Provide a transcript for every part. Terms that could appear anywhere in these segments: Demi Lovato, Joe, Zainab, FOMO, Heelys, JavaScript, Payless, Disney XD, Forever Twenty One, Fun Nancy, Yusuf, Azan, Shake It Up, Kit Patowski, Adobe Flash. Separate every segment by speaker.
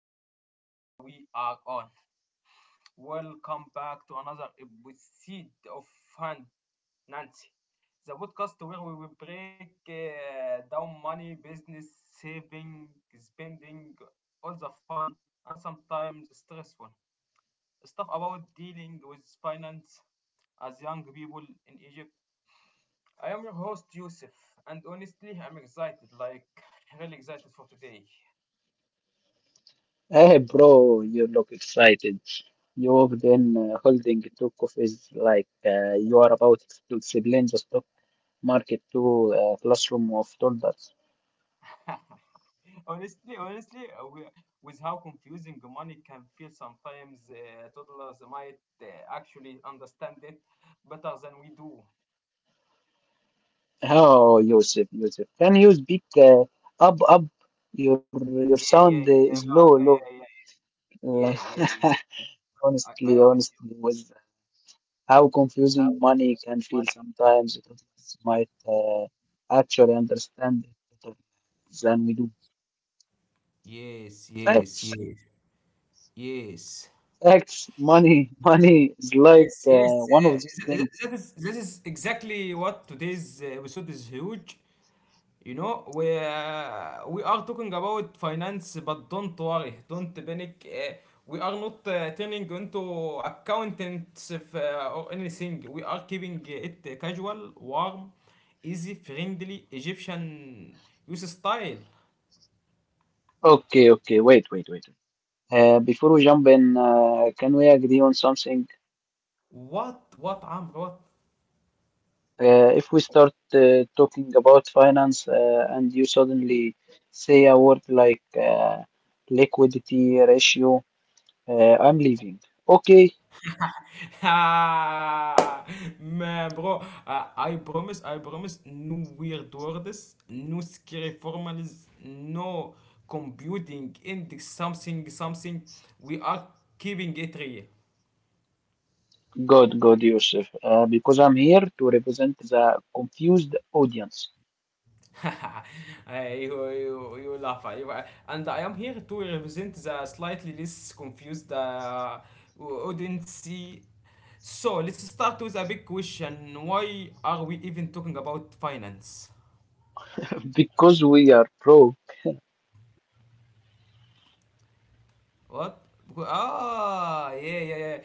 Speaker 1: mic check. Yeah, we are on. Welcome back to another episode of Fun Nancy, the podcast where we will break down money, business, saving, spending, all the fun and sometimes stressful stuff about dealing with finance as young people in Egypt. I am your host Yusuf, and honestly, I'm excited, like really excited for today.
Speaker 2: Hey bro, you look excited. You walked in holding two coffees like you are about to explain the stock market to a classroom of toddlers.
Speaker 1: Honestly, with how confusing money can feel sometimes, toddlers might actually understand it better than we do.
Speaker 2: Oh, Yusuf, Yusuf, can you speak up, up? Your your
Speaker 1: Yeah,
Speaker 2: sound
Speaker 1: yeah,
Speaker 2: is
Speaker 1: yeah,
Speaker 2: low,
Speaker 1: yeah,
Speaker 2: low.
Speaker 1: yeah, yeah,
Speaker 2: Like,
Speaker 1: yeah, yeah, yeah, yeah. I
Speaker 2: honestly,
Speaker 1: am with
Speaker 2: honestly, with how confusing money can feel sometimes, toddlers might actually understand it better than we do.
Speaker 1: you. Yes,
Speaker 2: Facts.
Speaker 1: yes, yes, yes.
Speaker 2: Tax, money is like
Speaker 1: Yes, yes.
Speaker 2: one of those
Speaker 1: Uh, that,
Speaker 2: things.
Speaker 1: that is that is exactly what today's episode is huge. You know, we are talking about finance, but don't worry, don't panic. We are not turning into accountants if, or anything. We are keeping it casual, warm, easy, friendly, Egyptian use style.
Speaker 2: Okay, okay, wait, wait, wait. Before we jump in, can we agree on something?
Speaker 1: What عمرو what?
Speaker 2: If we start talking about finance and you suddenly say a word like liquidity ratio, I'm leaving. Okay,
Speaker 1: Ha! Man, bro, I promise, no weird words, no scary formulas, no computing index, something, something. We are keeping it real.
Speaker 2: good, good, Yusuf, because I'm here to represent the confused audience.
Speaker 1: Hey, you laugh. You- and I am here to represent the slightly less confused audience. So let's start with a big question. Why are we even talking about finance?
Speaker 2: Because we are pro.
Speaker 1: What? Wh- Ah, yeah, yeah, yeah.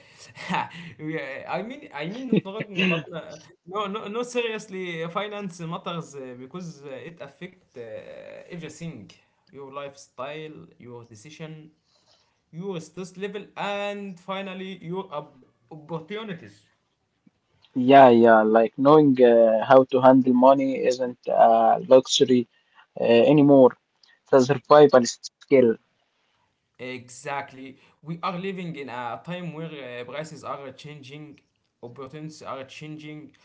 Speaker 1: Yeah, I mean, not talking, but no, no, no. Seriously, finance matters because it affect everything: your lifestyle, your decision, your stress level, and finally your op- opportunities.
Speaker 2: Yeah, yeah, like knowing how to handle money isn't a luxury anymore. It's a survival skill.
Speaker 1: Exactly. We are living in a time where prices are changing, opportunities are changing,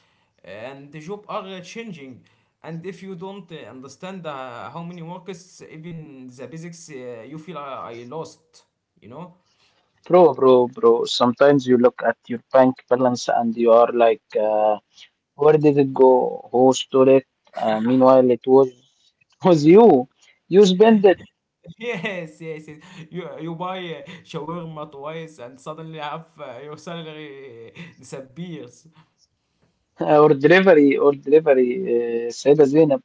Speaker 1: and the job are changing. And if you don't understand how many workers, even the basics, you feel I lost. You know?
Speaker 2: Bro, bro, bro, sometimes you look at your bank balance and you are like, where did it go? Who stole it? Meanwhile, it was you. You spend it.
Speaker 1: Yes, yes, yes. You buy shawarma twice, and suddenly half your salary disappears.
Speaker 2: Or delivery Said Zainab,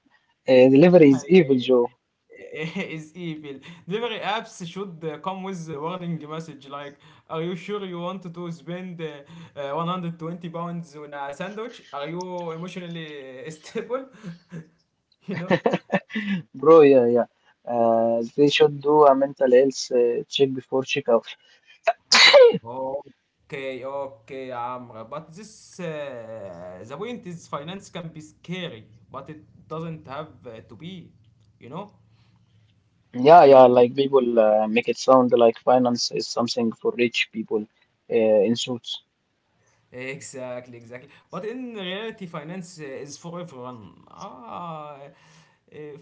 Speaker 2: delivery is evil, Joe.
Speaker 1: is evil. Delivery apps should come with a warning message like, "Are you sure you want to spend 120 pounds on a sandwich? Are you emotionally stable?" you know.
Speaker 2: Bro, yeah, yeah. They should do a mental health check before checkout.
Speaker 1: Okay, okay, Amra. But this, the point is, finance can be scary, but it doesn't have to be. You know,
Speaker 2: Yeah, yeah, like people make it sound like finance is something for rich people in suits.
Speaker 1: exactly, exactly. But in reality, finance is for everyone. Ah,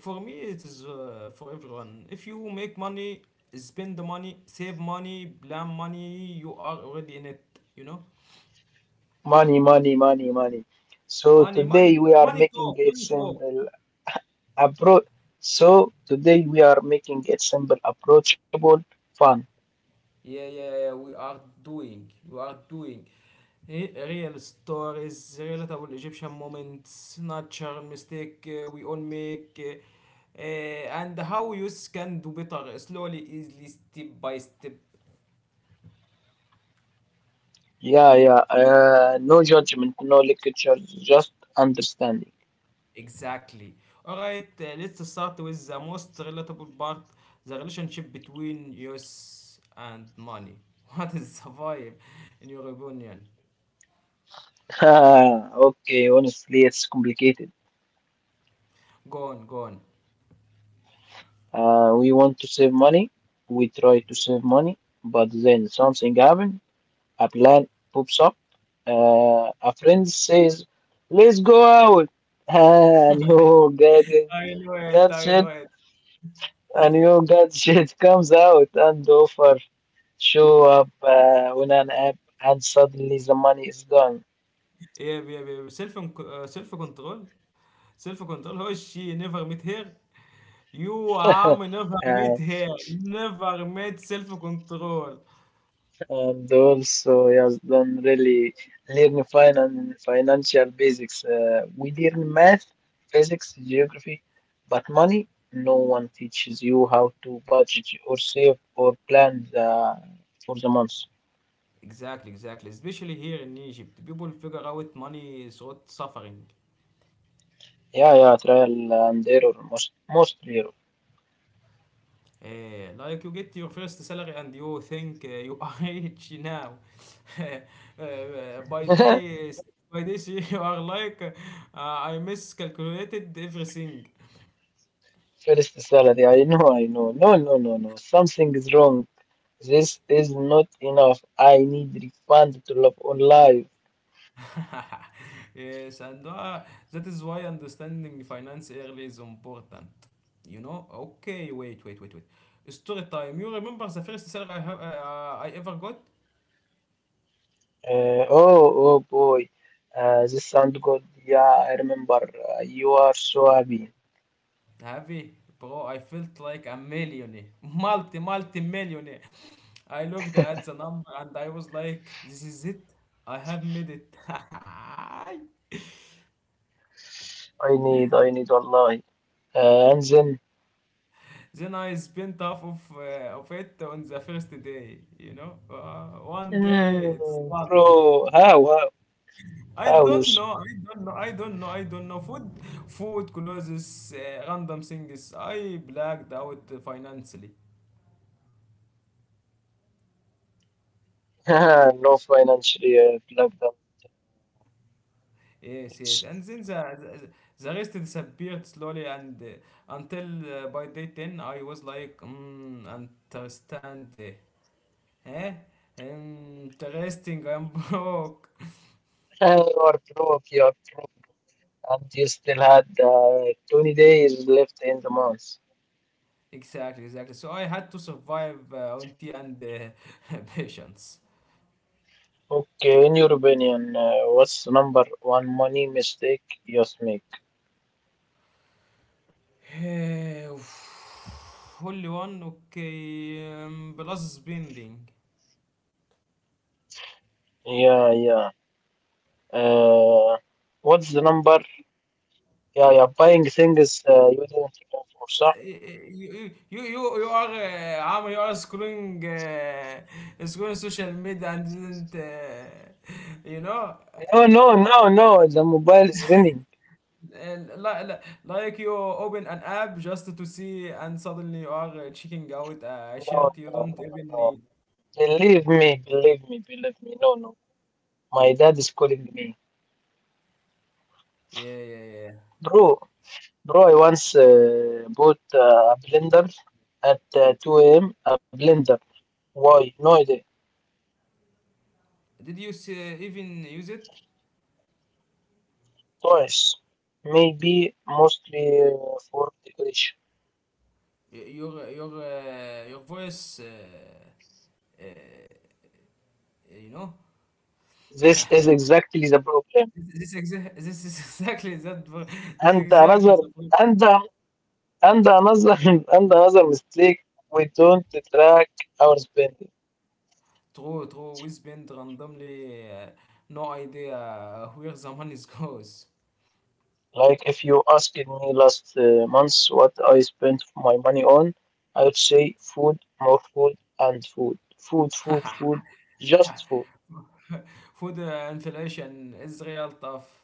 Speaker 1: for me, it is for everyone. If you make money, spend the money, save money, plan money, you are already in it. You know,
Speaker 2: Money, money, money, money. So
Speaker 1: money, money,
Speaker 2: today we are
Speaker 1: money
Speaker 2: making
Speaker 1: talk,
Speaker 2: it
Speaker 1: money talk.
Speaker 2: simple. appro- So today we are making it simple, Approachable, fun.
Speaker 1: Yeah, yeah, yeah, yeah, we are doing. Re- Real stories, relatable Egyptian moments, natural mistake we all make, and how youth can do better slowly, easily, step by step.
Speaker 2: Yeah, yeah. No judgment, no lectures, just understanding.
Speaker 1: Exactly. All right. Let's start with the most relatable part: the relationship between youth and money. What is the vibe, in your opinion?
Speaker 2: Okay, honestly, it's complicated.
Speaker 1: Go on, go on.
Speaker 2: We want to save money. We try to save money, but then something happens. A plan pops up. A friend says, "Let's go out," and your gadget,
Speaker 1: I know it. I know
Speaker 2: Gadget
Speaker 1: it.
Speaker 2: comes out and the offer show up on an app, and suddenly the money is gone.
Speaker 1: Yeah, yeah, yeah. Self سيلف self control, self control. هو الشيء never met her. You عم never
Speaker 2: Uh,
Speaker 1: met her. Never met self control.
Speaker 2: And also, yes, don't really learn financial basics. We learn math, physics, geography, but money, no one teaches you how to budget or save or plan for the month.
Speaker 1: Exactly, exactly. Especially here in Egypt, people figure out money through suffering.
Speaker 2: Yeah, yeah, trial and error, most error.
Speaker 1: Like you get your first salary and you think you are rich now. By day, by this you are like I miscalculated everything.
Speaker 2: First salary, I know, I know. No, no, no, no. Something is wrong. This is not enough. I need refund to live on life.
Speaker 1: yes, and that is why understanding finance early is important. You know? Okay, wait, wait, wait, wait. Story time. You remember the first salary I have I ever got?
Speaker 2: Oh, oh boy, this sound good. Yeah, I remember. You are so happy.
Speaker 1: Heavy, bro. I felt like a millionaire, multi, multi millionaire. I looked at the number and I was like, this is it. I have made it.
Speaker 2: I need, Allah. And then,
Speaker 1: Then I spent half of it on the first day. You know, one day it's done.
Speaker 2: bro, how, how,
Speaker 1: I
Speaker 2: how you?
Speaker 1: don't know. I don't know. I don't know. I don't know. Food, food, clothes, random things. I blacked out financially.
Speaker 2: No financially lockdown.
Speaker 1: Yes, yes.
Speaker 2: Yes.
Speaker 1: And then the rest disappeared slowly, and until by day 10, I was like, mm, understand. Eh? Interesting. I'm broke.
Speaker 2: You are broke, and you still had 20 days left in the month.
Speaker 1: Exactly, exactly. So I had to survive on tea and patience.
Speaker 2: Okay, in your opinion, what's number one money mistake you make?
Speaker 1: هولي وان اوكي بلس بيندينج
Speaker 2: Yeah, yeah. Uh, what's the number? Yeah, yeah, buying things you didn't plan for, صح?
Speaker 1: يو ار عم يو ار سكرولينج سكرولينج سوشيال ميديا اند didn't يو نو
Speaker 2: No, no, no, no. The mobile is ringing.
Speaker 1: لا لا like you open an app just to see and suddenly you are checking out a
Speaker 2: No,
Speaker 1: shirt you
Speaker 2: no,
Speaker 1: don't
Speaker 2: no,
Speaker 1: even
Speaker 2: no.
Speaker 1: need
Speaker 2: Believe me, believe me, believe me. No, no. My dad is calling me.
Speaker 1: yeah yeah yeah
Speaker 2: Bro, bro, I once bought a blender at 2 a.m. A blender. Why? No idea.
Speaker 1: did you see, even use it
Speaker 2: Toys. Maybe mostly for decoration.
Speaker 1: Y- your voice you know
Speaker 2: This is exactly the problem.
Speaker 1: this is exa- this is exactly that. Bro. This is
Speaker 2: And
Speaker 1: exactly
Speaker 2: another
Speaker 1: the point.
Speaker 2: and another And another And another mistake, we don't track our spending.
Speaker 1: True, true. We spend randomly, no idea where the money goes.
Speaker 2: Like if you asked me last month what I spent my money on, I would say food, more food, and food, food, food, food, just food.
Speaker 1: Food inflation is real tough.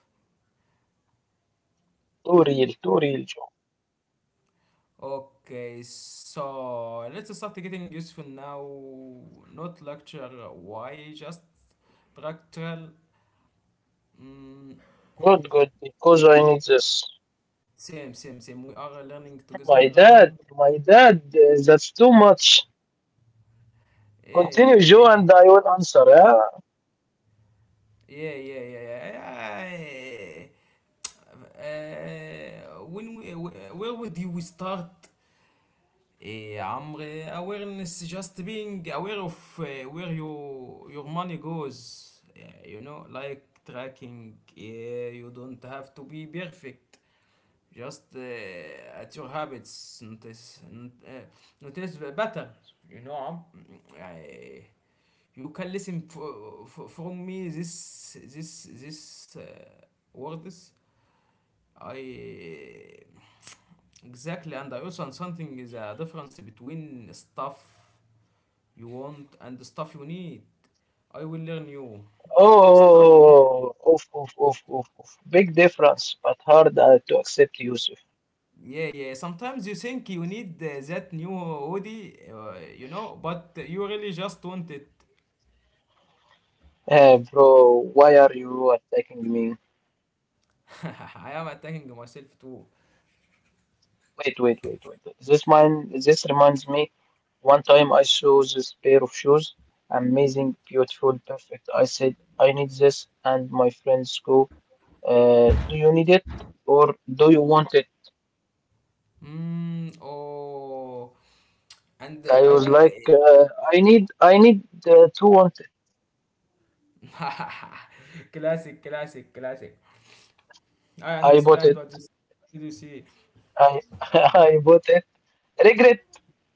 Speaker 2: Too real, Joe.
Speaker 1: Okay, so let's start getting useful now. Not lecture. Why? Just practical. Mm,
Speaker 2: Good, good, because I need this.
Speaker 1: same, same, same. We are learning together.
Speaker 2: My dad, that's too much.
Speaker 1: Yeah, yeah,
Speaker 2: Continue, Joe,
Speaker 1: yeah, yeah.
Speaker 2: and I will answer. Yeah?
Speaker 1: Yeah, yeah, yeah, yeah. When we, wh- where would you start? عمري awareness just being aware of where your money goes. Yeah, you know, like tracking. Yeah, you don't have to be perfect. Just at your habits, notice, uh, notice the patterns. You know, I, you can listen from me this words. I exactly, and I also something is a difference between stuff you want and the stuff you need. I will learn you stuff.
Speaker 2: Oh, oof, oof, oof, oof, oof. Big difference, but hard to accept, Yusuf.
Speaker 1: Yeah, yeah. Sometimes you think you need that new hoodie, you know, but you really just want it.
Speaker 2: Bro, why are you attacking me?
Speaker 1: I am attacking myself too.
Speaker 2: Wait, wait, wait, wait. This reminds me. One time I saw this pair of shoes, amazing, beautiful, perfect. I said, I need this, and my friends go, do you need it or do you want it?
Speaker 1: Mm, oh, and
Speaker 2: I
Speaker 1: I.
Speaker 2: was like, I need to want it.
Speaker 1: Uh, classic, classic, classic. I
Speaker 2: I bought
Speaker 1: understand
Speaker 2: it.
Speaker 1: what you see.
Speaker 2: I, I bought it. Regret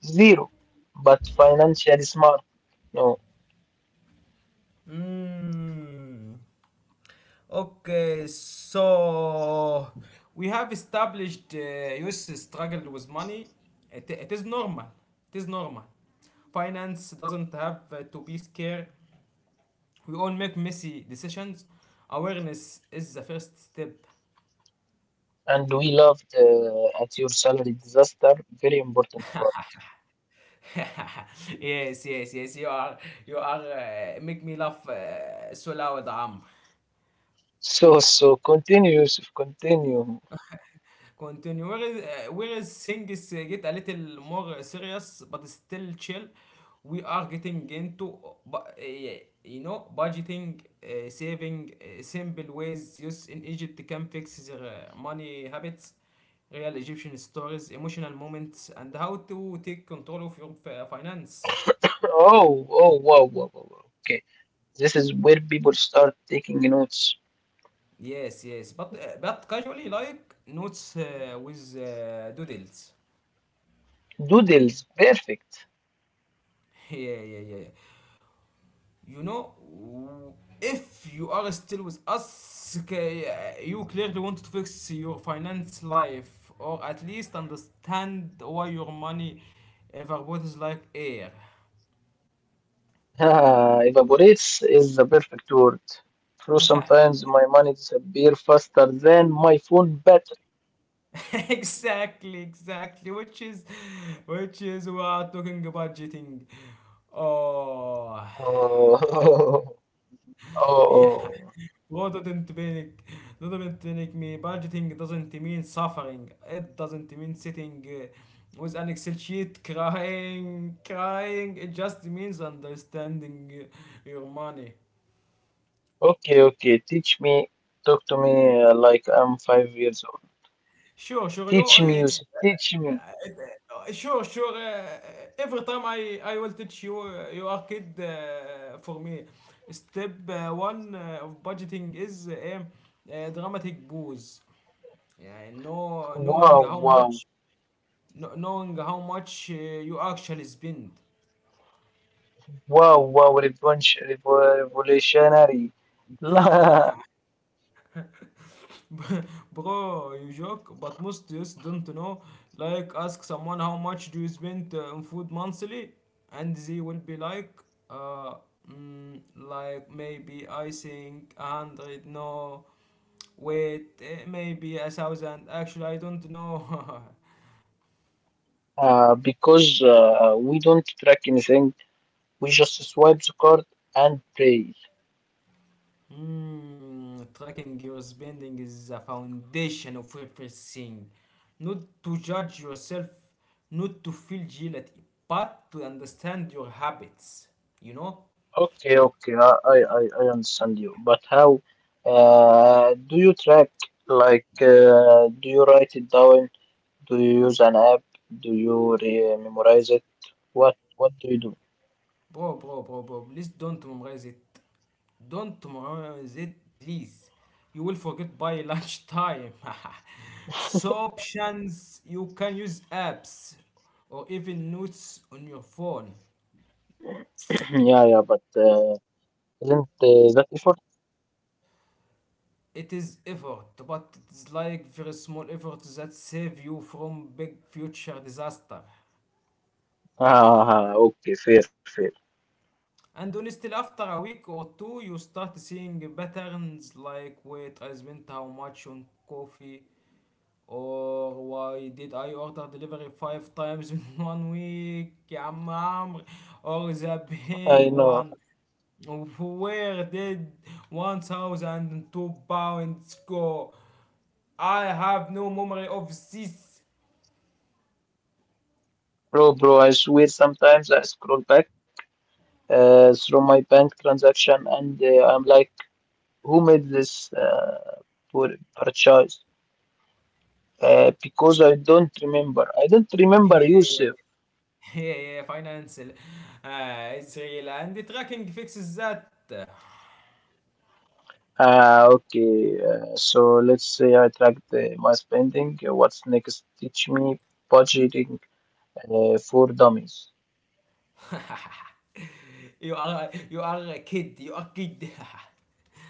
Speaker 2: zero, but financially smart. No,
Speaker 1: Mm. Okay, so we have established US struggled with money. It is normal. It is normal. Finance doesn't have to be scared. We all make messy decisions. Awareness is the first step.
Speaker 2: and we loved at your salary disaster. Very important part.
Speaker 1: Yes, yes, yes. You are. Make me laugh so loud, Amr.
Speaker 2: So continue, Yusuf, continue.
Speaker 1: Continue. Where is things get a little more serious, but still chill. We are getting into bu- you know budgeting, saving, simple ways youth in Egypt can fix their money habits, real Egyptian stories, emotional moments, and how to take control of your fi- finances.
Speaker 2: Oh, oh, wow, wow, wow, wow. Okay, this is where people start taking notes.
Speaker 1: Yes, yes, but casually like notes with doodles.
Speaker 2: Doodles, perfect.
Speaker 1: Yeah, yeah, yeah. You know, if you are still with us, k- you clearly want to fix your finance life or at least understand why your money evaporates like air.
Speaker 2: Ah, evaporates is the perfect word. True, sometimes my money disappear faster than my phone battery.
Speaker 1: Exactly, exactly. Which is we are talking about cheating. Oh.
Speaker 2: Oh, oh, oh.
Speaker 1: What doesn't panic? Doesn't panic me. Budgeting doesn't mean suffering. It doesn't mean sitting with an Excel sheet crying, crying. It just means understanding your money.
Speaker 2: Okay, okay. Teach me. Talk to me like I'm 5 years old.
Speaker 1: Sure, sure, you.
Speaker 2: Teach me music. Teach me.
Speaker 1: Sure, sure. Every time I will teach you, you are kid for me. Step one of budgeting is dramatic booze. Yeah, know, knowing
Speaker 2: Wow,
Speaker 1: how
Speaker 2: wow,
Speaker 1: much. Kn- knowing how much you actually spend.
Speaker 2: wow, wow. Revenge, revolutionary. La-
Speaker 1: Bro, you joke, but most youths don't know. Like, ask someone how much do you spend on food monthly, and they will be like, uh, mm, like maybe I think a hundred. No, wait, eh, maybe a thousand. Actually, I don't know.
Speaker 2: because we don't track anything. We just swipe the card and pay.
Speaker 1: Mm, tracking your spending is a foundation of everything. Not to judge yourself, not to feel guilty, but to understand your habits. You know?
Speaker 2: Okay, okay. I understand you. But how do you track? Like, do you write it down? Do you use an app? Do you memorize it? What do you do?
Speaker 1: Bro, bro, bro, bro, please don't memorize it. Don't memorize it, please. You will forget by lunchtime. So options you can use apps or even notes on your phone.
Speaker 2: Yeah, yeah, but isn't that effort?
Speaker 1: It is effort, but it's like very small efforts that save you from big future disaster.
Speaker 2: Ah, ah, okay, fair, fair.
Speaker 1: And honestly, after a week or two, you start seeing patterns like wait, I spent how much on coffee, or why did I order delivery five times in one week, يا عم عمرو, or the
Speaker 2: I
Speaker 1: big
Speaker 2: know,
Speaker 1: one. Where did 1002 pounds go? I have no memory of this.
Speaker 2: bro, bro. I swear, sometimes I scroll back through my bank transaction, and I'm like, who made this poor purchase? Because I don't remember. I don't remember Yusuf.
Speaker 1: هي فاينانشال اتس and the tracking fixes that.
Speaker 2: Okay, so let's say I track my spending. What's next? Teach me budgeting for dummies.
Speaker 1: You are you are a kid you are kid.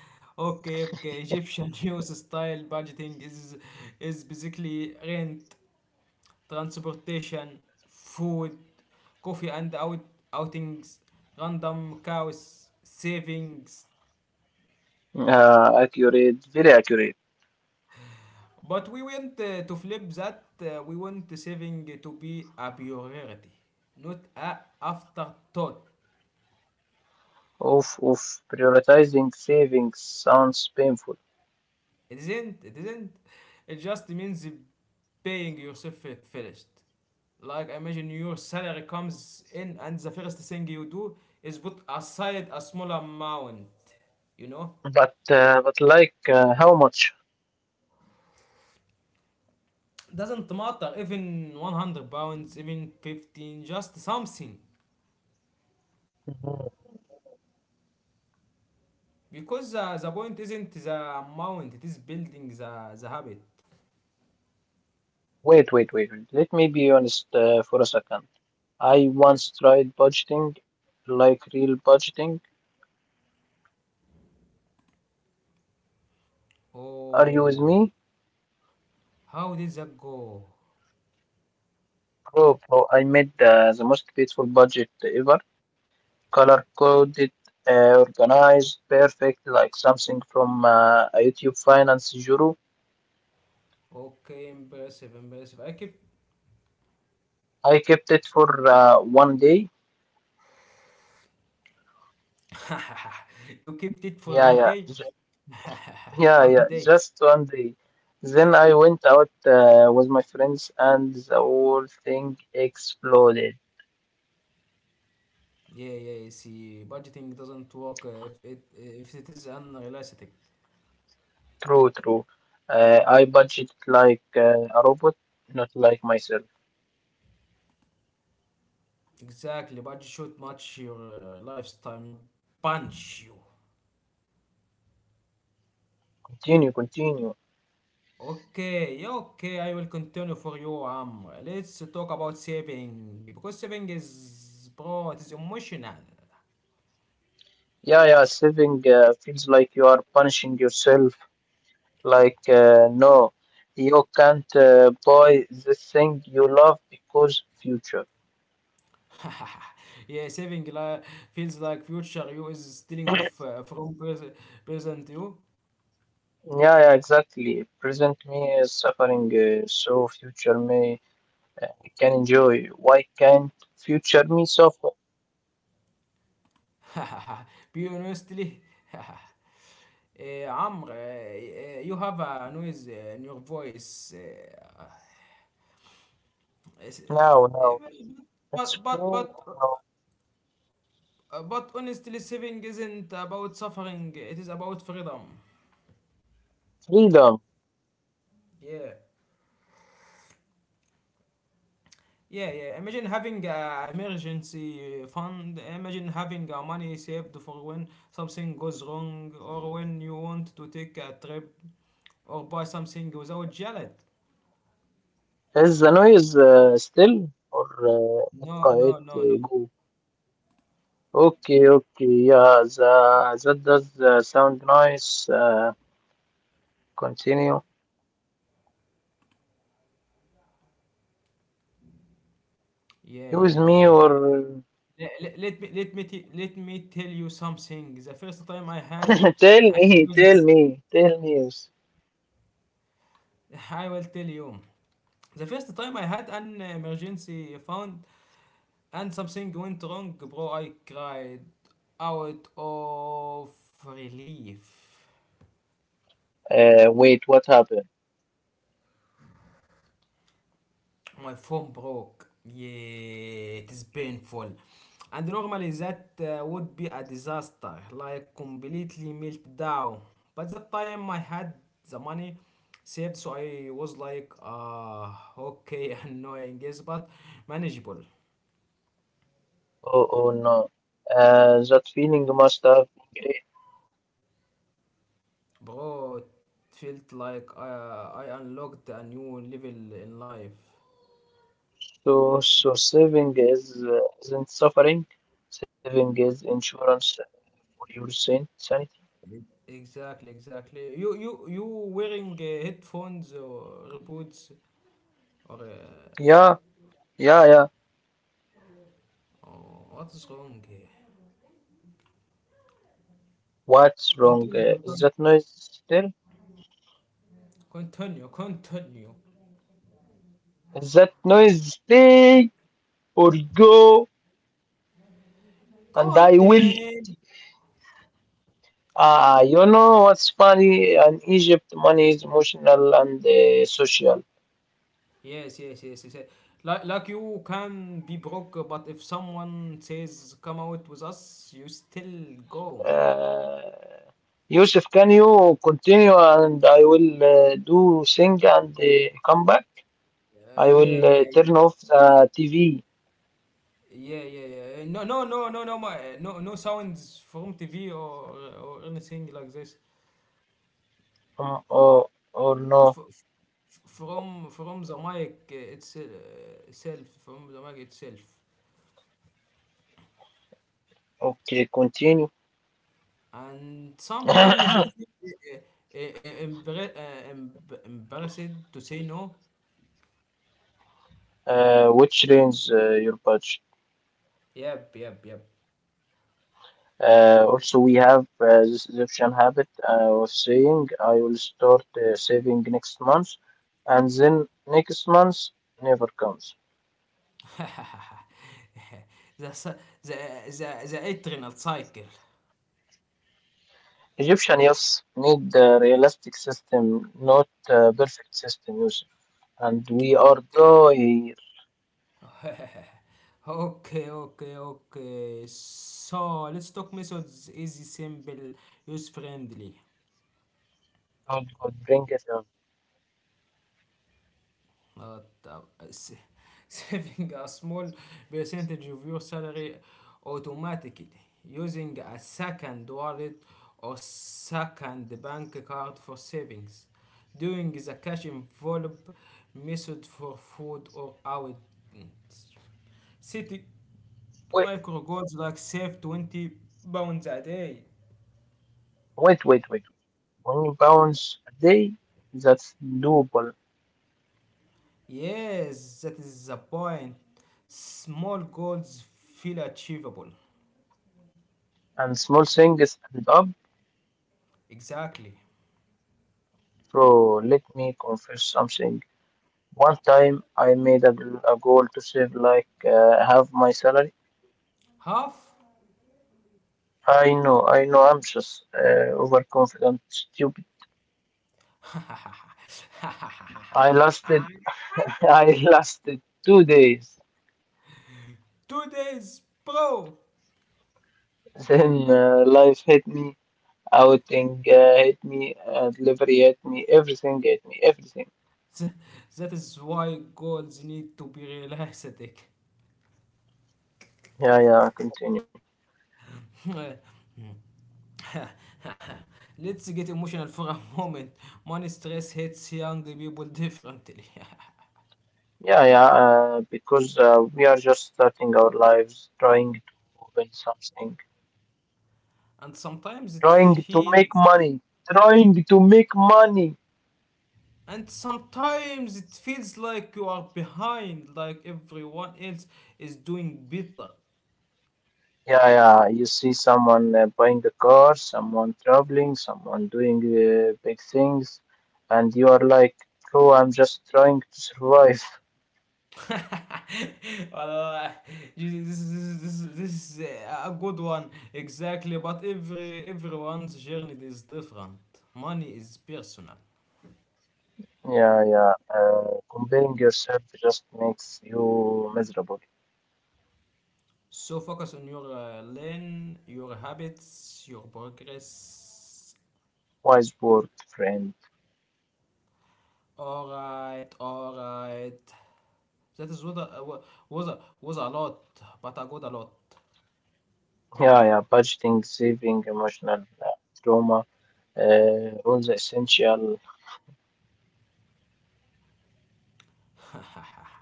Speaker 1: Okay, okay, Egyptian news style budgeting is basically rent transportation food coffee and out outings random cows savings.
Speaker 2: Accurate, very accurate.
Speaker 1: But we want to flip that. We want saving to be a priority, not a afterthought.
Speaker 2: Oof, oof. Prioritizing savings sounds painful,
Speaker 1: It isn't. It isn't. It just means paying yourself at first. Like imagine your salary comes in, and the first thing you do is put aside a small amount. You know,
Speaker 2: but like how much?
Speaker 1: doesn't matter even 100 pounds, even 15, just something.
Speaker 2: Mhm.
Speaker 1: Because the point isn't the amount, it is building the habit.
Speaker 2: Wait, wait, wait, wait. Let me be honest for a second. I once tried budgeting, like real budgeting. Are you with
Speaker 1: Oh,
Speaker 2: me?
Speaker 1: how did that go?
Speaker 2: Bro, bro, I made the most beautiful budget ever. Color coded, organized, perfect, like something from a YouTube finance guru.
Speaker 1: Okay, impressive, impressive. I keep
Speaker 2: I kept it for one day.
Speaker 1: you kept it for
Speaker 2: Yeah,
Speaker 1: one
Speaker 2: yeah,
Speaker 1: day,
Speaker 2: yeah,
Speaker 1: one
Speaker 2: yeah,
Speaker 1: day.
Speaker 2: just one day. Then I went out with my friends, and the whole thing exploded.
Speaker 1: Yeah, yeah. You see, budgeting doesn't work if it is unrealistic.
Speaker 2: True, true. I budget like a robot, not like myself.
Speaker 1: Exactly, budget should match your lifestyle, not punch you.
Speaker 2: Continue, continue.
Speaker 1: Okay, yeah, okay, I will continue for you, Amr. Let's talk about saving because saving is, bro, it is emotional.
Speaker 2: Yeah, yeah, saving feels like you are punishing yourself. Like, no, you can't buy this thing you love because future.
Speaker 1: yeah, feels like future you is stealing from present you.
Speaker 2: Yeah, yeah, exactly. Present me is suffering, so future me uh, can enjoy. Why can't future me suffer?
Speaker 1: Be honestly. Amr, you have a noise in your voice. Yes,
Speaker 2: Now, now,
Speaker 1: well,
Speaker 2: it's okay.
Speaker 1: But but but
Speaker 2: No.
Speaker 1: but honestly, saving isn't about suffering. It is about freedom.
Speaker 2: Freedom.
Speaker 1: Yeah. Yeah, yeah. Imagine having a emergency fund. Imagine having money saved for when something goes wrong or when you want to take a trip or buy something without jelly.
Speaker 2: Is the noise still or it
Speaker 1: No, no,
Speaker 2: quiet,
Speaker 1: no, no.
Speaker 2: go? Okay, okay, yeah, that does sound nice. Continue.
Speaker 1: Yeah, yeah,
Speaker 2: Use
Speaker 1: yeah,
Speaker 2: me
Speaker 1: yeah, yeah.
Speaker 2: or
Speaker 1: Let me tell you something. The first time I had,
Speaker 2: Tell
Speaker 1: I
Speaker 2: me, tell
Speaker 1: was
Speaker 2: me, tell me.
Speaker 1: I will tell you. The first time I had an emergency fund, and something went wrong, bro. I cried out of relief.
Speaker 2: Wait, what happened?
Speaker 1: My phone broke. Yeah, it is painful. And normally that would be a disaster, like completely melt down. But that time I had the money saved, so I was like, okay, annoying, yes, but manageable.
Speaker 2: Oh, oh no. That feeling must have been great.
Speaker 1: Bro, it felt like I unlocked a new level in life.
Speaker 2: So saving is isn't suffering. Saving is insurance for your sanity.
Speaker 1: Exactly, exactly. You wearing headphones or earbuds or
Speaker 2: Yeah, yeah, yeah.
Speaker 1: oh, what is wrong here?
Speaker 2: What's wrong?
Speaker 1: Continue,
Speaker 2: Is
Speaker 1: continue,
Speaker 2: that noise still?
Speaker 1: continue, continue,
Speaker 2: Is that noise stay or go? And I will.
Speaker 1: continue.
Speaker 2: Ah, you know what's funny? In Egypt, money is emotional and social.
Speaker 1: Yes, yes, yes, yes, yes. Like you can be broke, but if someone says come out with us, you still go.
Speaker 2: uh, Yusuf, can you continue and I will do thing and come back? I
Speaker 1: Yeah,
Speaker 2: will
Speaker 1: yeah,
Speaker 2: turn off the TV,
Speaker 1: yeah, yeah, yeah, yeah. No, no, no, no, no, my, no, no sounds from TV or anything like this.
Speaker 2: um, or, or no.
Speaker 1: From the mic it's, itself from the mic itself
Speaker 2: Okay, continue.
Speaker 1: and sometimes you feel embarrassed to say no.
Speaker 2: Which range your budget?
Speaker 1: Yep, yep, yep.
Speaker 2: Also, we have this Egyptian habit. I was saying I will start saving next month, and then next month never comes.
Speaker 1: the, s- the, the adrenal cycle.
Speaker 2: Egyptian youths need the realistic system, not a perfect system, Yusuf. And we are
Speaker 1: Okay,
Speaker 2: there.
Speaker 1: okay, okay, okay, so let's talk methods. Easy, simple, use friendly.
Speaker 2: God could bring it up.
Speaker 1: Uh, saving a small percentage of your salary automatically, using a second wallet or second bank card for savings. Doing the cash envelope method for food or outings. Setting
Speaker 2: Wait,
Speaker 1: micro goals like save 20 pounds a day.
Speaker 2: wait, wait, wait. £1 a day, that's doable.
Speaker 1: Yes, that is the point. Small goals feel achievable.
Speaker 2: And small things add up.
Speaker 1: Exactly.
Speaker 2: Bro, let me confess something. One time I made a goal to save like half my salary.
Speaker 1: Half?
Speaker 2: I know, I'm just overconfident, stupid. I lasted, I lasted 2 days.
Speaker 1: 2 days, bro!
Speaker 2: Then life hit me, outing hit me, delivery hit me, everything hit me, everything.
Speaker 1: That is why goals need to be realistic.
Speaker 2: Yeah, yeah, continue.
Speaker 1: Let's get emotional for a moment. Money stress hits young people differently.
Speaker 2: Yeah, yeah, because we are just starting our lives, trying to win something,
Speaker 1: and sometimes it
Speaker 2: trying to make
Speaker 1: feels.
Speaker 2: money, trying to make money.
Speaker 1: And sometimes it feels like you are behind, like everyone else is doing better.
Speaker 2: Yeah, yeah, you see someone buying a car, someone traveling, someone doing big things, and you are like, bro, I'm just trying to survive.
Speaker 1: well, this is a good one, exactly, but everyone's journey is different. Money is personal,
Speaker 2: Yeah, yeah. Comparing yourself just makes you miserable.
Speaker 1: so focus on your lane, your habits, your progress.
Speaker 2: Wise word, friend.
Speaker 1: All right all right that is was a lot, but a good a lot.
Speaker 2: Yeah, yeah. Budgeting, saving, emotional trauma, all the essential.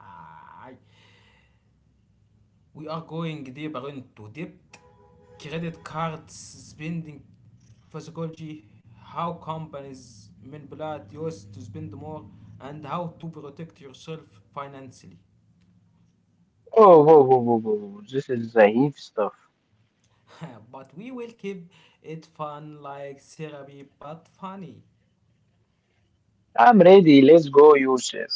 Speaker 1: We are going deeper into debt, credit cards spending, psychology, how companies manipulate yours to spend more, and how to protect yourself financially.
Speaker 2: Oh, whoa, whoa, whoa, whoa, whoa. This is the heap stuff.
Speaker 1: but we will keep it fun, like therapy, but funny.
Speaker 2: I'm ready. Let's go, Yusuf.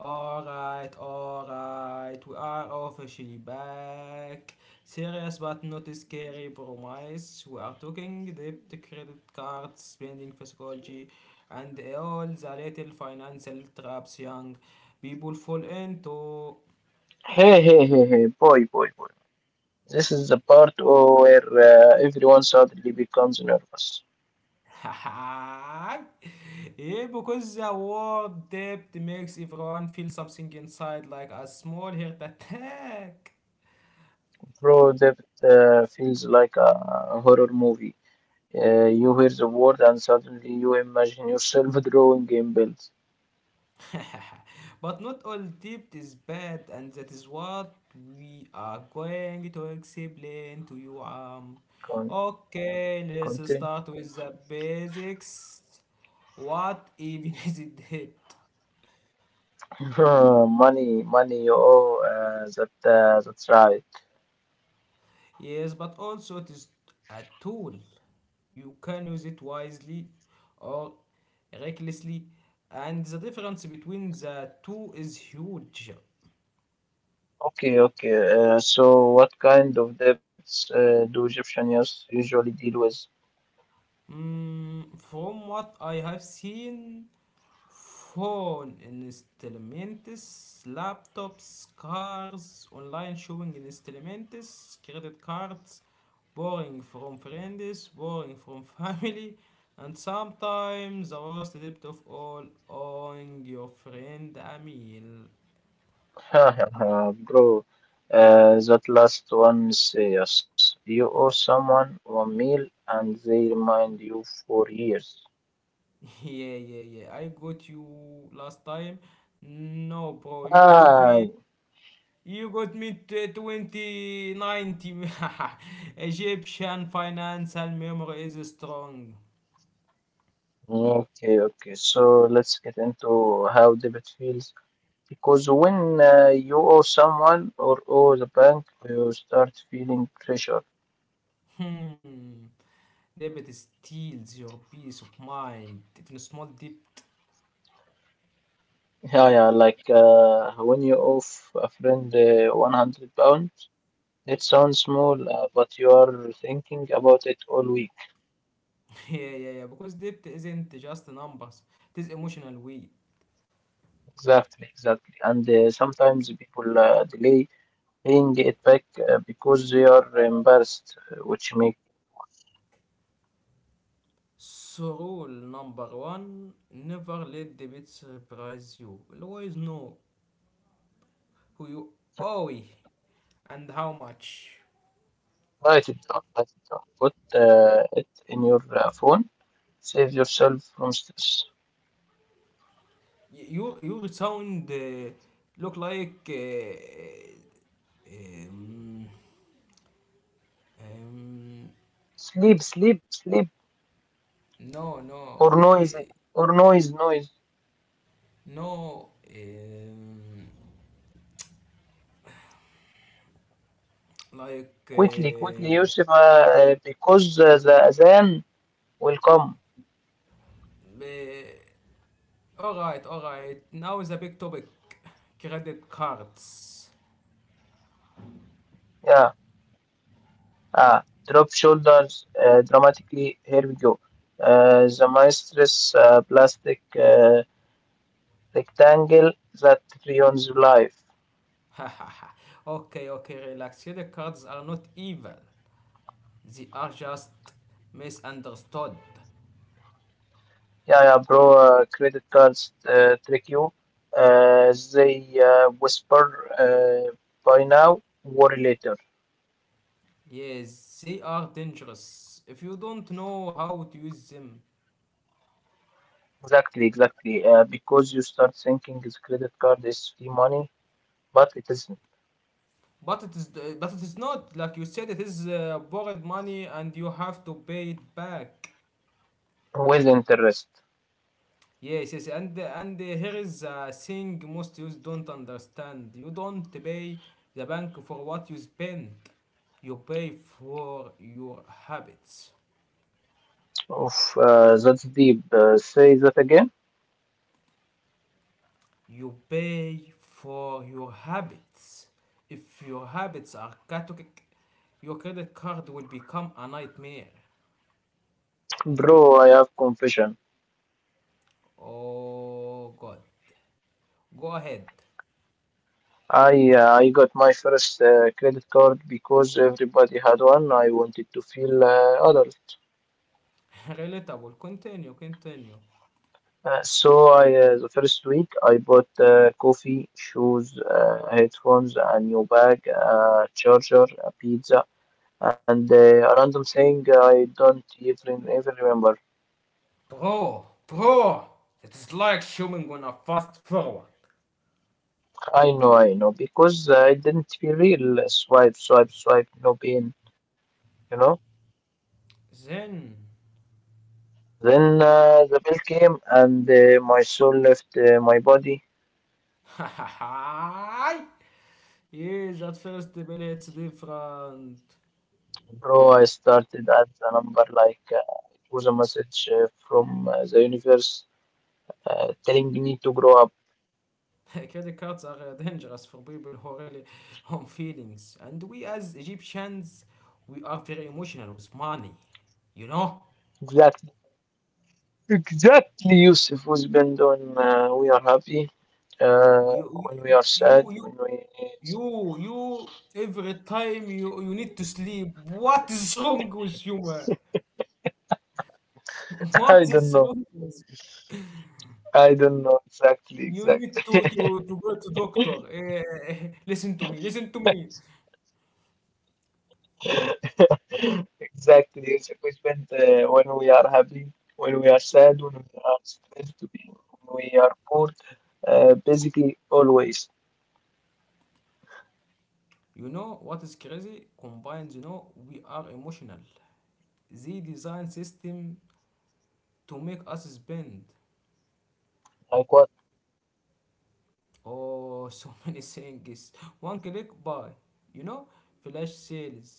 Speaker 1: Alright, alright, we are officially back. Serious but not scary, promise. We are talking debt, credit cards, spending psychology, and all the little financial traps young people fall into.
Speaker 2: Hey, hey, hey, hey, boy, boy, boy. This is the part where everyone suddenly becomes nervous.
Speaker 1: yeah, because the word debt makes everyone feel something inside like a small heart attack.
Speaker 2: Bro, that feels like a horror movie. You hear the word, and suddenly you imagine yourself drawing in bills.
Speaker 1: but not all debt is bad, and that is what we are going to explain to you.
Speaker 2: Con-
Speaker 1: Okay, let's
Speaker 2: Conte?
Speaker 1: start with the basics. What even is a debt?
Speaker 2: Money, money, you owe. That's right.
Speaker 1: Yes, but also it is a tool. You can use it wisely or recklessly, and the difference between the two is huge.
Speaker 2: Okay, okay. So, what kind of debts do Egyptian youths usually deal with?
Speaker 1: Mm, from what I have seen, phone installments, laptops, cars, online shopping installments, credit cards, borrowing from friends, borrowing from family, and sometimes the worst debt of all, owing your friend a meal.
Speaker 2: Bro, that last one is serious. You owe someone one meal, and they remind you for years.
Speaker 1: Yeah, yeah, yeah. I got you last time. No, bro, you got
Speaker 2: Ah.
Speaker 1: me. You got me to 2019. Egyptian financial memory is strong.
Speaker 2: Okay, okay. So let's get into how debit feels. Because when you owe someone or owe the bank, you start feeling pressure.
Speaker 1: Hmm. Debt steals your peace of mind. Even a small debt.
Speaker 2: Yeah, yeah. Like when you owe a friend £100, it sounds small, but you are thinking about it all week.
Speaker 1: yeah, yeah, yeah. Because debt isn't just numbers, it is emotional weight.
Speaker 2: Exactly, exactly. And sometimes people delay paying it back because they are embarrassed, which make
Speaker 1: So rule number one, never let the debt surprise you. Always know who you owe and how much.
Speaker 2: write it down, write it down. Put it in your phone. Save yourself from stress.
Speaker 1: Your sound look like um,
Speaker 2: Sleep, sleep, sleep,
Speaker 1: no no
Speaker 2: or noise, or noise, noise.
Speaker 1: no like
Speaker 2: Quickly, quickly, Yusuf, because the Azan will come.
Speaker 1: uh, all right now is a big topic, credit cards.
Speaker 2: Yeah. Uh, Drop shoulders dramatically. Here we go. The maestress plastic rectangle that ruins your life.
Speaker 1: okay, okay, relax, credit cards are not evil, they are just misunderstood.
Speaker 2: Yeah, yeah, bro. Credit cards trick you. They whisper, by now, worry later.
Speaker 1: Yes, they are dangerous if you don't know how to use them.
Speaker 2: Exactly, exactly. Because you start thinking this credit card is free money, but it is
Speaker 1: But it is not like you said. It is borrowed money, and you have to pay it back.
Speaker 2: with interest.
Speaker 1: Yes, yes, and here is a thing most youth don't understand. You don't pay the bank for what you spend. You pay for your habits.
Speaker 2: Oof, that's deep. Say that again,
Speaker 1: You pay for your habits. If your habits are chaotic, your credit card will become a nightmare.
Speaker 2: bro. I have confession.
Speaker 1: Oh god. Go ahead.
Speaker 2: I got my first credit card because everybody had one. I wanted to feel adult.
Speaker 1: Relatable. Continue, continue.
Speaker 2: So I the first week I bought coffee, shoes, headphones, a new bag, a charger, a pizza. And a random thing I don't even remember.
Speaker 1: Bro, bro! It is like showing on a fast forward.
Speaker 2: I know, because I didn't feel real. Swipe, swipe, swipe, no pain, you know.
Speaker 1: Then.
Speaker 2: Then the bill came and my soul left my body.
Speaker 1: Yes, at first the bill hits different.
Speaker 2: Bro, I started at the number like it was a message from the universe telling me to grow up.
Speaker 1: Credit cards are dangerous for people who really own feelings. And we as Egyptians, we are very emotional with money. You know?
Speaker 2: Exactly, exactly, Yusuf. Was have been doing, we are happy uh,
Speaker 1: You,
Speaker 2: when we are sad,
Speaker 1: you, you,
Speaker 2: when we,
Speaker 1: you, every time you need to sleep, what is wrong with you, man?
Speaker 2: I
Speaker 1: What
Speaker 2: don't
Speaker 1: is
Speaker 2: know.
Speaker 1: wrong with you?
Speaker 2: I don't know, exactly,
Speaker 1: You need
Speaker 2: exactly,
Speaker 1: to go to doctor. Eh, listen to me, listen to me.
Speaker 2: exactly. It's a question when we are happy, when we are sad, when we are stressed, when we are poor, basically always.
Speaker 1: You know what is crazy? Combined, you know, we are emotional. The design system to make us spend
Speaker 2: Like what,
Speaker 1: oh so many things: one click buy, you know, flash sales,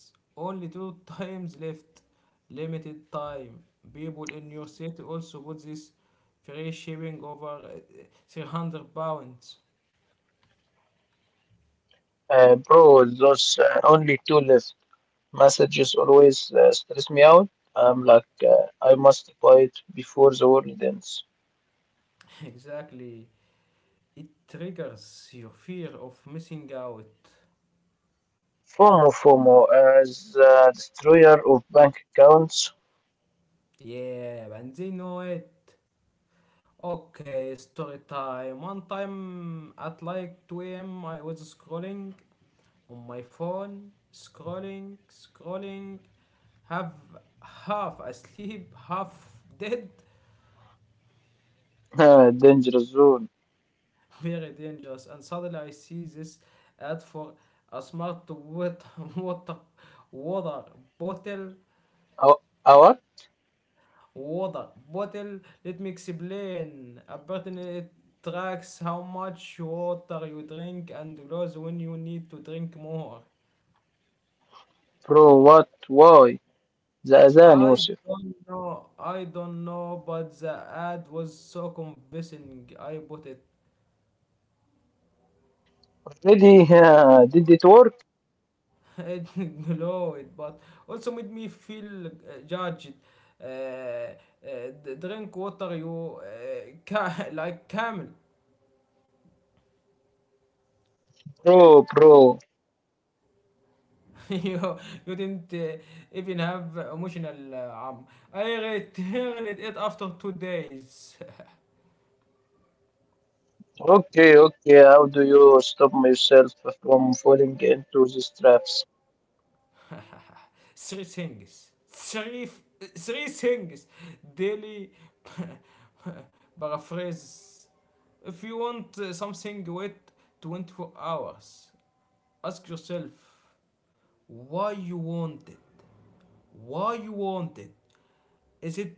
Speaker 1: only two times left, limited time, people in your city also put this, free shipping over 300 pounds.
Speaker 2: bro? Those only two left messages always stress me out. I'm like, I must buy it before the world ends.
Speaker 1: exactly, it triggers your fear of missing out.
Speaker 2: FOMO, FOMO, as destroyer of bank accounts,
Speaker 1: Yeah, and they know it. Okay, story time. One time at like 2 a.m., I was scrolling on my phone, scrolling, scrolling, have half asleep, half dead,
Speaker 2: dangerous zone.
Speaker 1: very dangerous. And suddenly I see this ad for a smart water, water, water bottle
Speaker 2: How,
Speaker 1: water bottle. Let me explain. A button, it tracks how much water you drink and grows when you need to drink more.
Speaker 2: bro, what? Why? The Azan,
Speaker 1: I
Speaker 2: Yusuf.
Speaker 1: don't know. I don't know, but the ad was so convincing. I bought it.
Speaker 2: Already did it work?
Speaker 1: It glowed, but also made me feel judged. Uh, uh, drink water, you like camel.
Speaker 2: Bro, bro.
Speaker 1: you you didn't even have emotional arm. I returned it after 2 days.
Speaker 2: Okay, okay. How do you stop myself from falling into these traps?
Speaker 1: three things. Three things. Daily paraphrase. If you want something, wait 24 hours. Ask yourself why you want it. Why you want it? Is it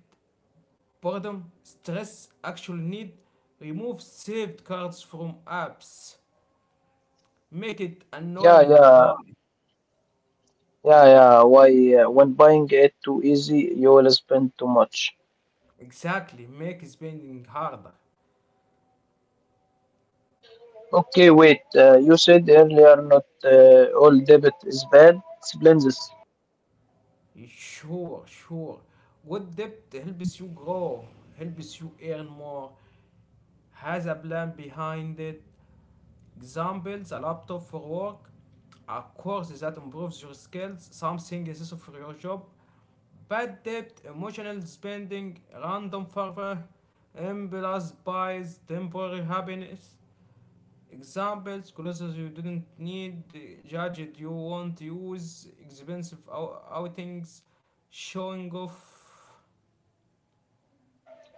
Speaker 1: boredom, stress, actual need, remove saved cards from apps, make it
Speaker 2: Yeah,
Speaker 1: annoying to
Speaker 2: yeah,
Speaker 1: buy.
Speaker 2: yeah, yeah. Why? When buying it too easy, you will spend too much.
Speaker 1: Exactly, make spending harder.
Speaker 2: Okay, wait. You said earlier not all debit is bad. Explain this.
Speaker 1: Sure, sure. Good debt helps you grow, helps you earn more, has a plan behind it. Examples, a laptop for work, a course that improves your skills, something essential for your job. Bad debt, emotional spending, random fervor, impulse buys, temporary happiness. Examples: clothes you didn't need, judged you won't use, expensive outings, showing off.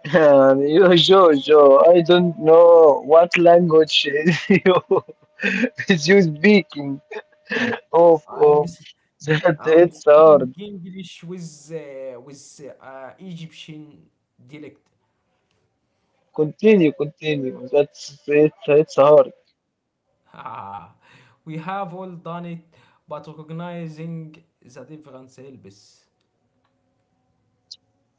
Speaker 2: You, Joe, Joe, I don't know what language you, is you speaking. Of,
Speaker 1: I'm
Speaker 2: of. That,
Speaker 1: I'm
Speaker 2: it's hard.
Speaker 1: speaking English with Egyptian dialect.
Speaker 2: Continue, continue. That's it's hard.
Speaker 1: Ah, we have all done it, but recognizing the difference helps.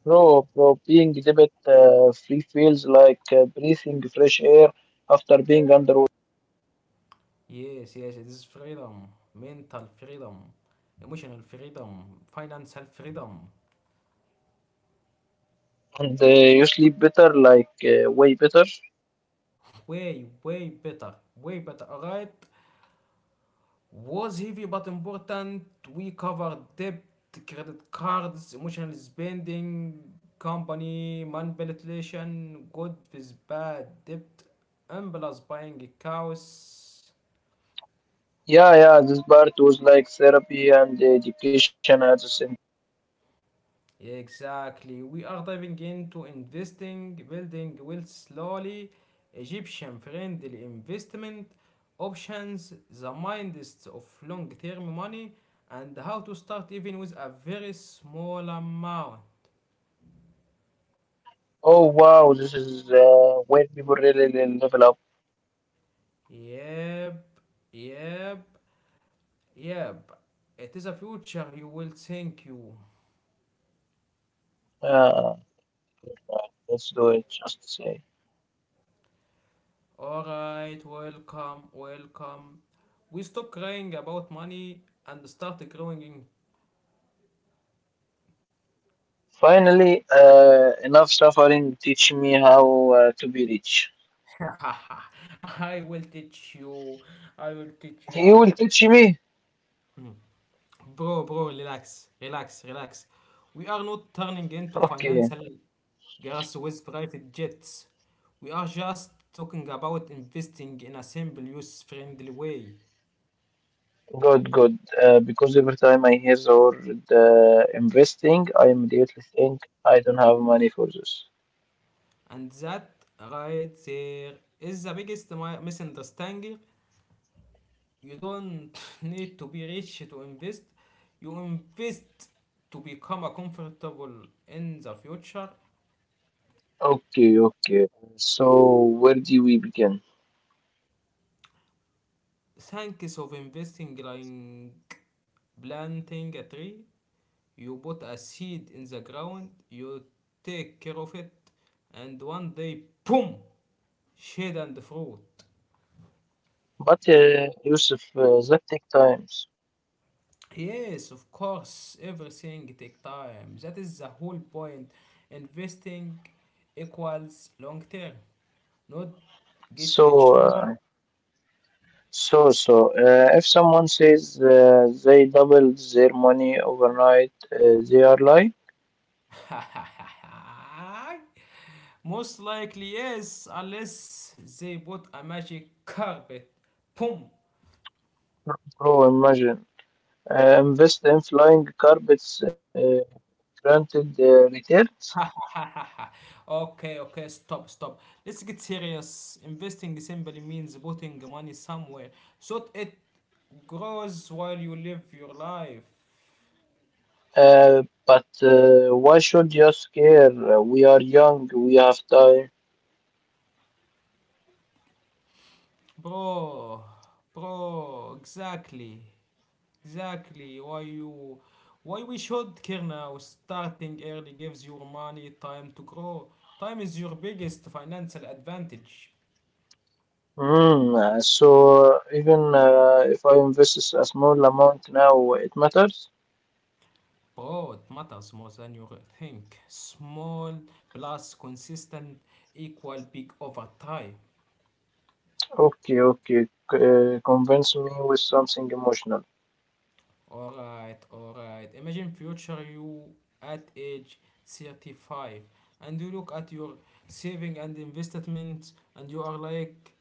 Speaker 2: Bro, bro, being debit free feels like breathing fresh air after being underwater.
Speaker 1: Yes, yes, it is freedom, mental freedom, emotional freedom, financial freedom.
Speaker 2: And you sleep better, like way better.
Speaker 1: Way, way better, way better. Alright, was heavy but important. We covered debt, credit cards, emotional spending, company manipulation, good with bad debt, impulse buying, chaos.
Speaker 2: Yeah, yeah, this part was like therapy and education at the same.
Speaker 1: Exactly. We are diving into investing, building wealth slowly, Egyptian friendly investment options, the minds of long term money, and how to start even with a very small amount.
Speaker 2: Oh, wow, this is where people really, really level up.
Speaker 1: Yep, yep, yep. It is a future you will thank you.
Speaker 2: Uh, right, let's do it, just say.
Speaker 1: Alright, welcome, welcome. We stop crying about money and start growing in.
Speaker 2: Finally, enough suffering. Teach me how to be rich.
Speaker 1: I will teach you. I will teach you.
Speaker 2: You will teach me.
Speaker 1: Bro, bro, relax, relax, relax. We are not turning into
Speaker 2: Okay,
Speaker 1: financial guys with private jets. We are just talking about investing in a simple, use-friendly way.
Speaker 2: good, good. Because every time I hear the word investing, I immediately think I don't have money for this.
Speaker 1: And that right there is the biggest misunderstanding. You don't need to be rich to invest. You invest to become a comfortable in the future.
Speaker 2: Okay, okay. So where do we begin?
Speaker 1: Thanks of investing like planting a tree. You put a seed in the ground, you take care of it, and one day, boom, shade and fruit.
Speaker 2: But Yusuf, that takes times.
Speaker 1: Yes, of course, everything take time. That is the whole point. Investing equals long term, not get
Speaker 2: So,
Speaker 1: rich
Speaker 2: uh,
Speaker 1: tomorrow.
Speaker 2: so, if someone says they doubled their money overnight, they are lying.
Speaker 1: Most likely, yes, unless they bought a magic carpet. Boom.
Speaker 2: Bro, imagine. Invest in flying carpets, granted returns.
Speaker 1: okay, okay, stop, stop. Let's get serious. Investing simply means putting money somewhere so it grows while you live your life.
Speaker 2: But why should you scare? We are young, we have time.
Speaker 1: Bro, bro, exactly, exactly. Why we should care now? Starting early gives your money time to grow. Time is your biggest financial advantage.
Speaker 2: Mm, so even if I invest a small amount now, it matters?
Speaker 1: Bro, it matters more than you think. Small plus consistent equal big over time.
Speaker 2: Okay, okay. Convince me with something emotional.
Speaker 1: Alright, alright. Imagine future you at age 35 and you look at your saving and investments and you are like,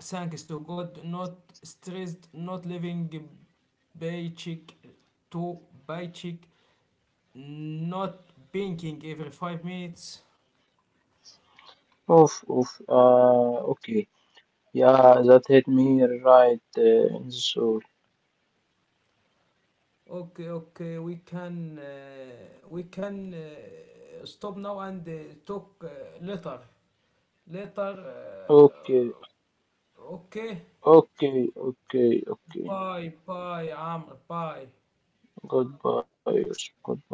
Speaker 1: thanks to God, not stressed, not living paycheck to paycheck, not banking every 5 minutes.
Speaker 2: Oof, oof. Okay. Yeah, that hit me right in the soul.
Speaker 1: Okay, okay, we can stop now and talk later, later.
Speaker 2: Okay,
Speaker 1: اوكي
Speaker 2: okay, okay, okay.
Speaker 1: باي باي يا عمرو باي
Speaker 2: Goodbye, Yusuf. Goodbye.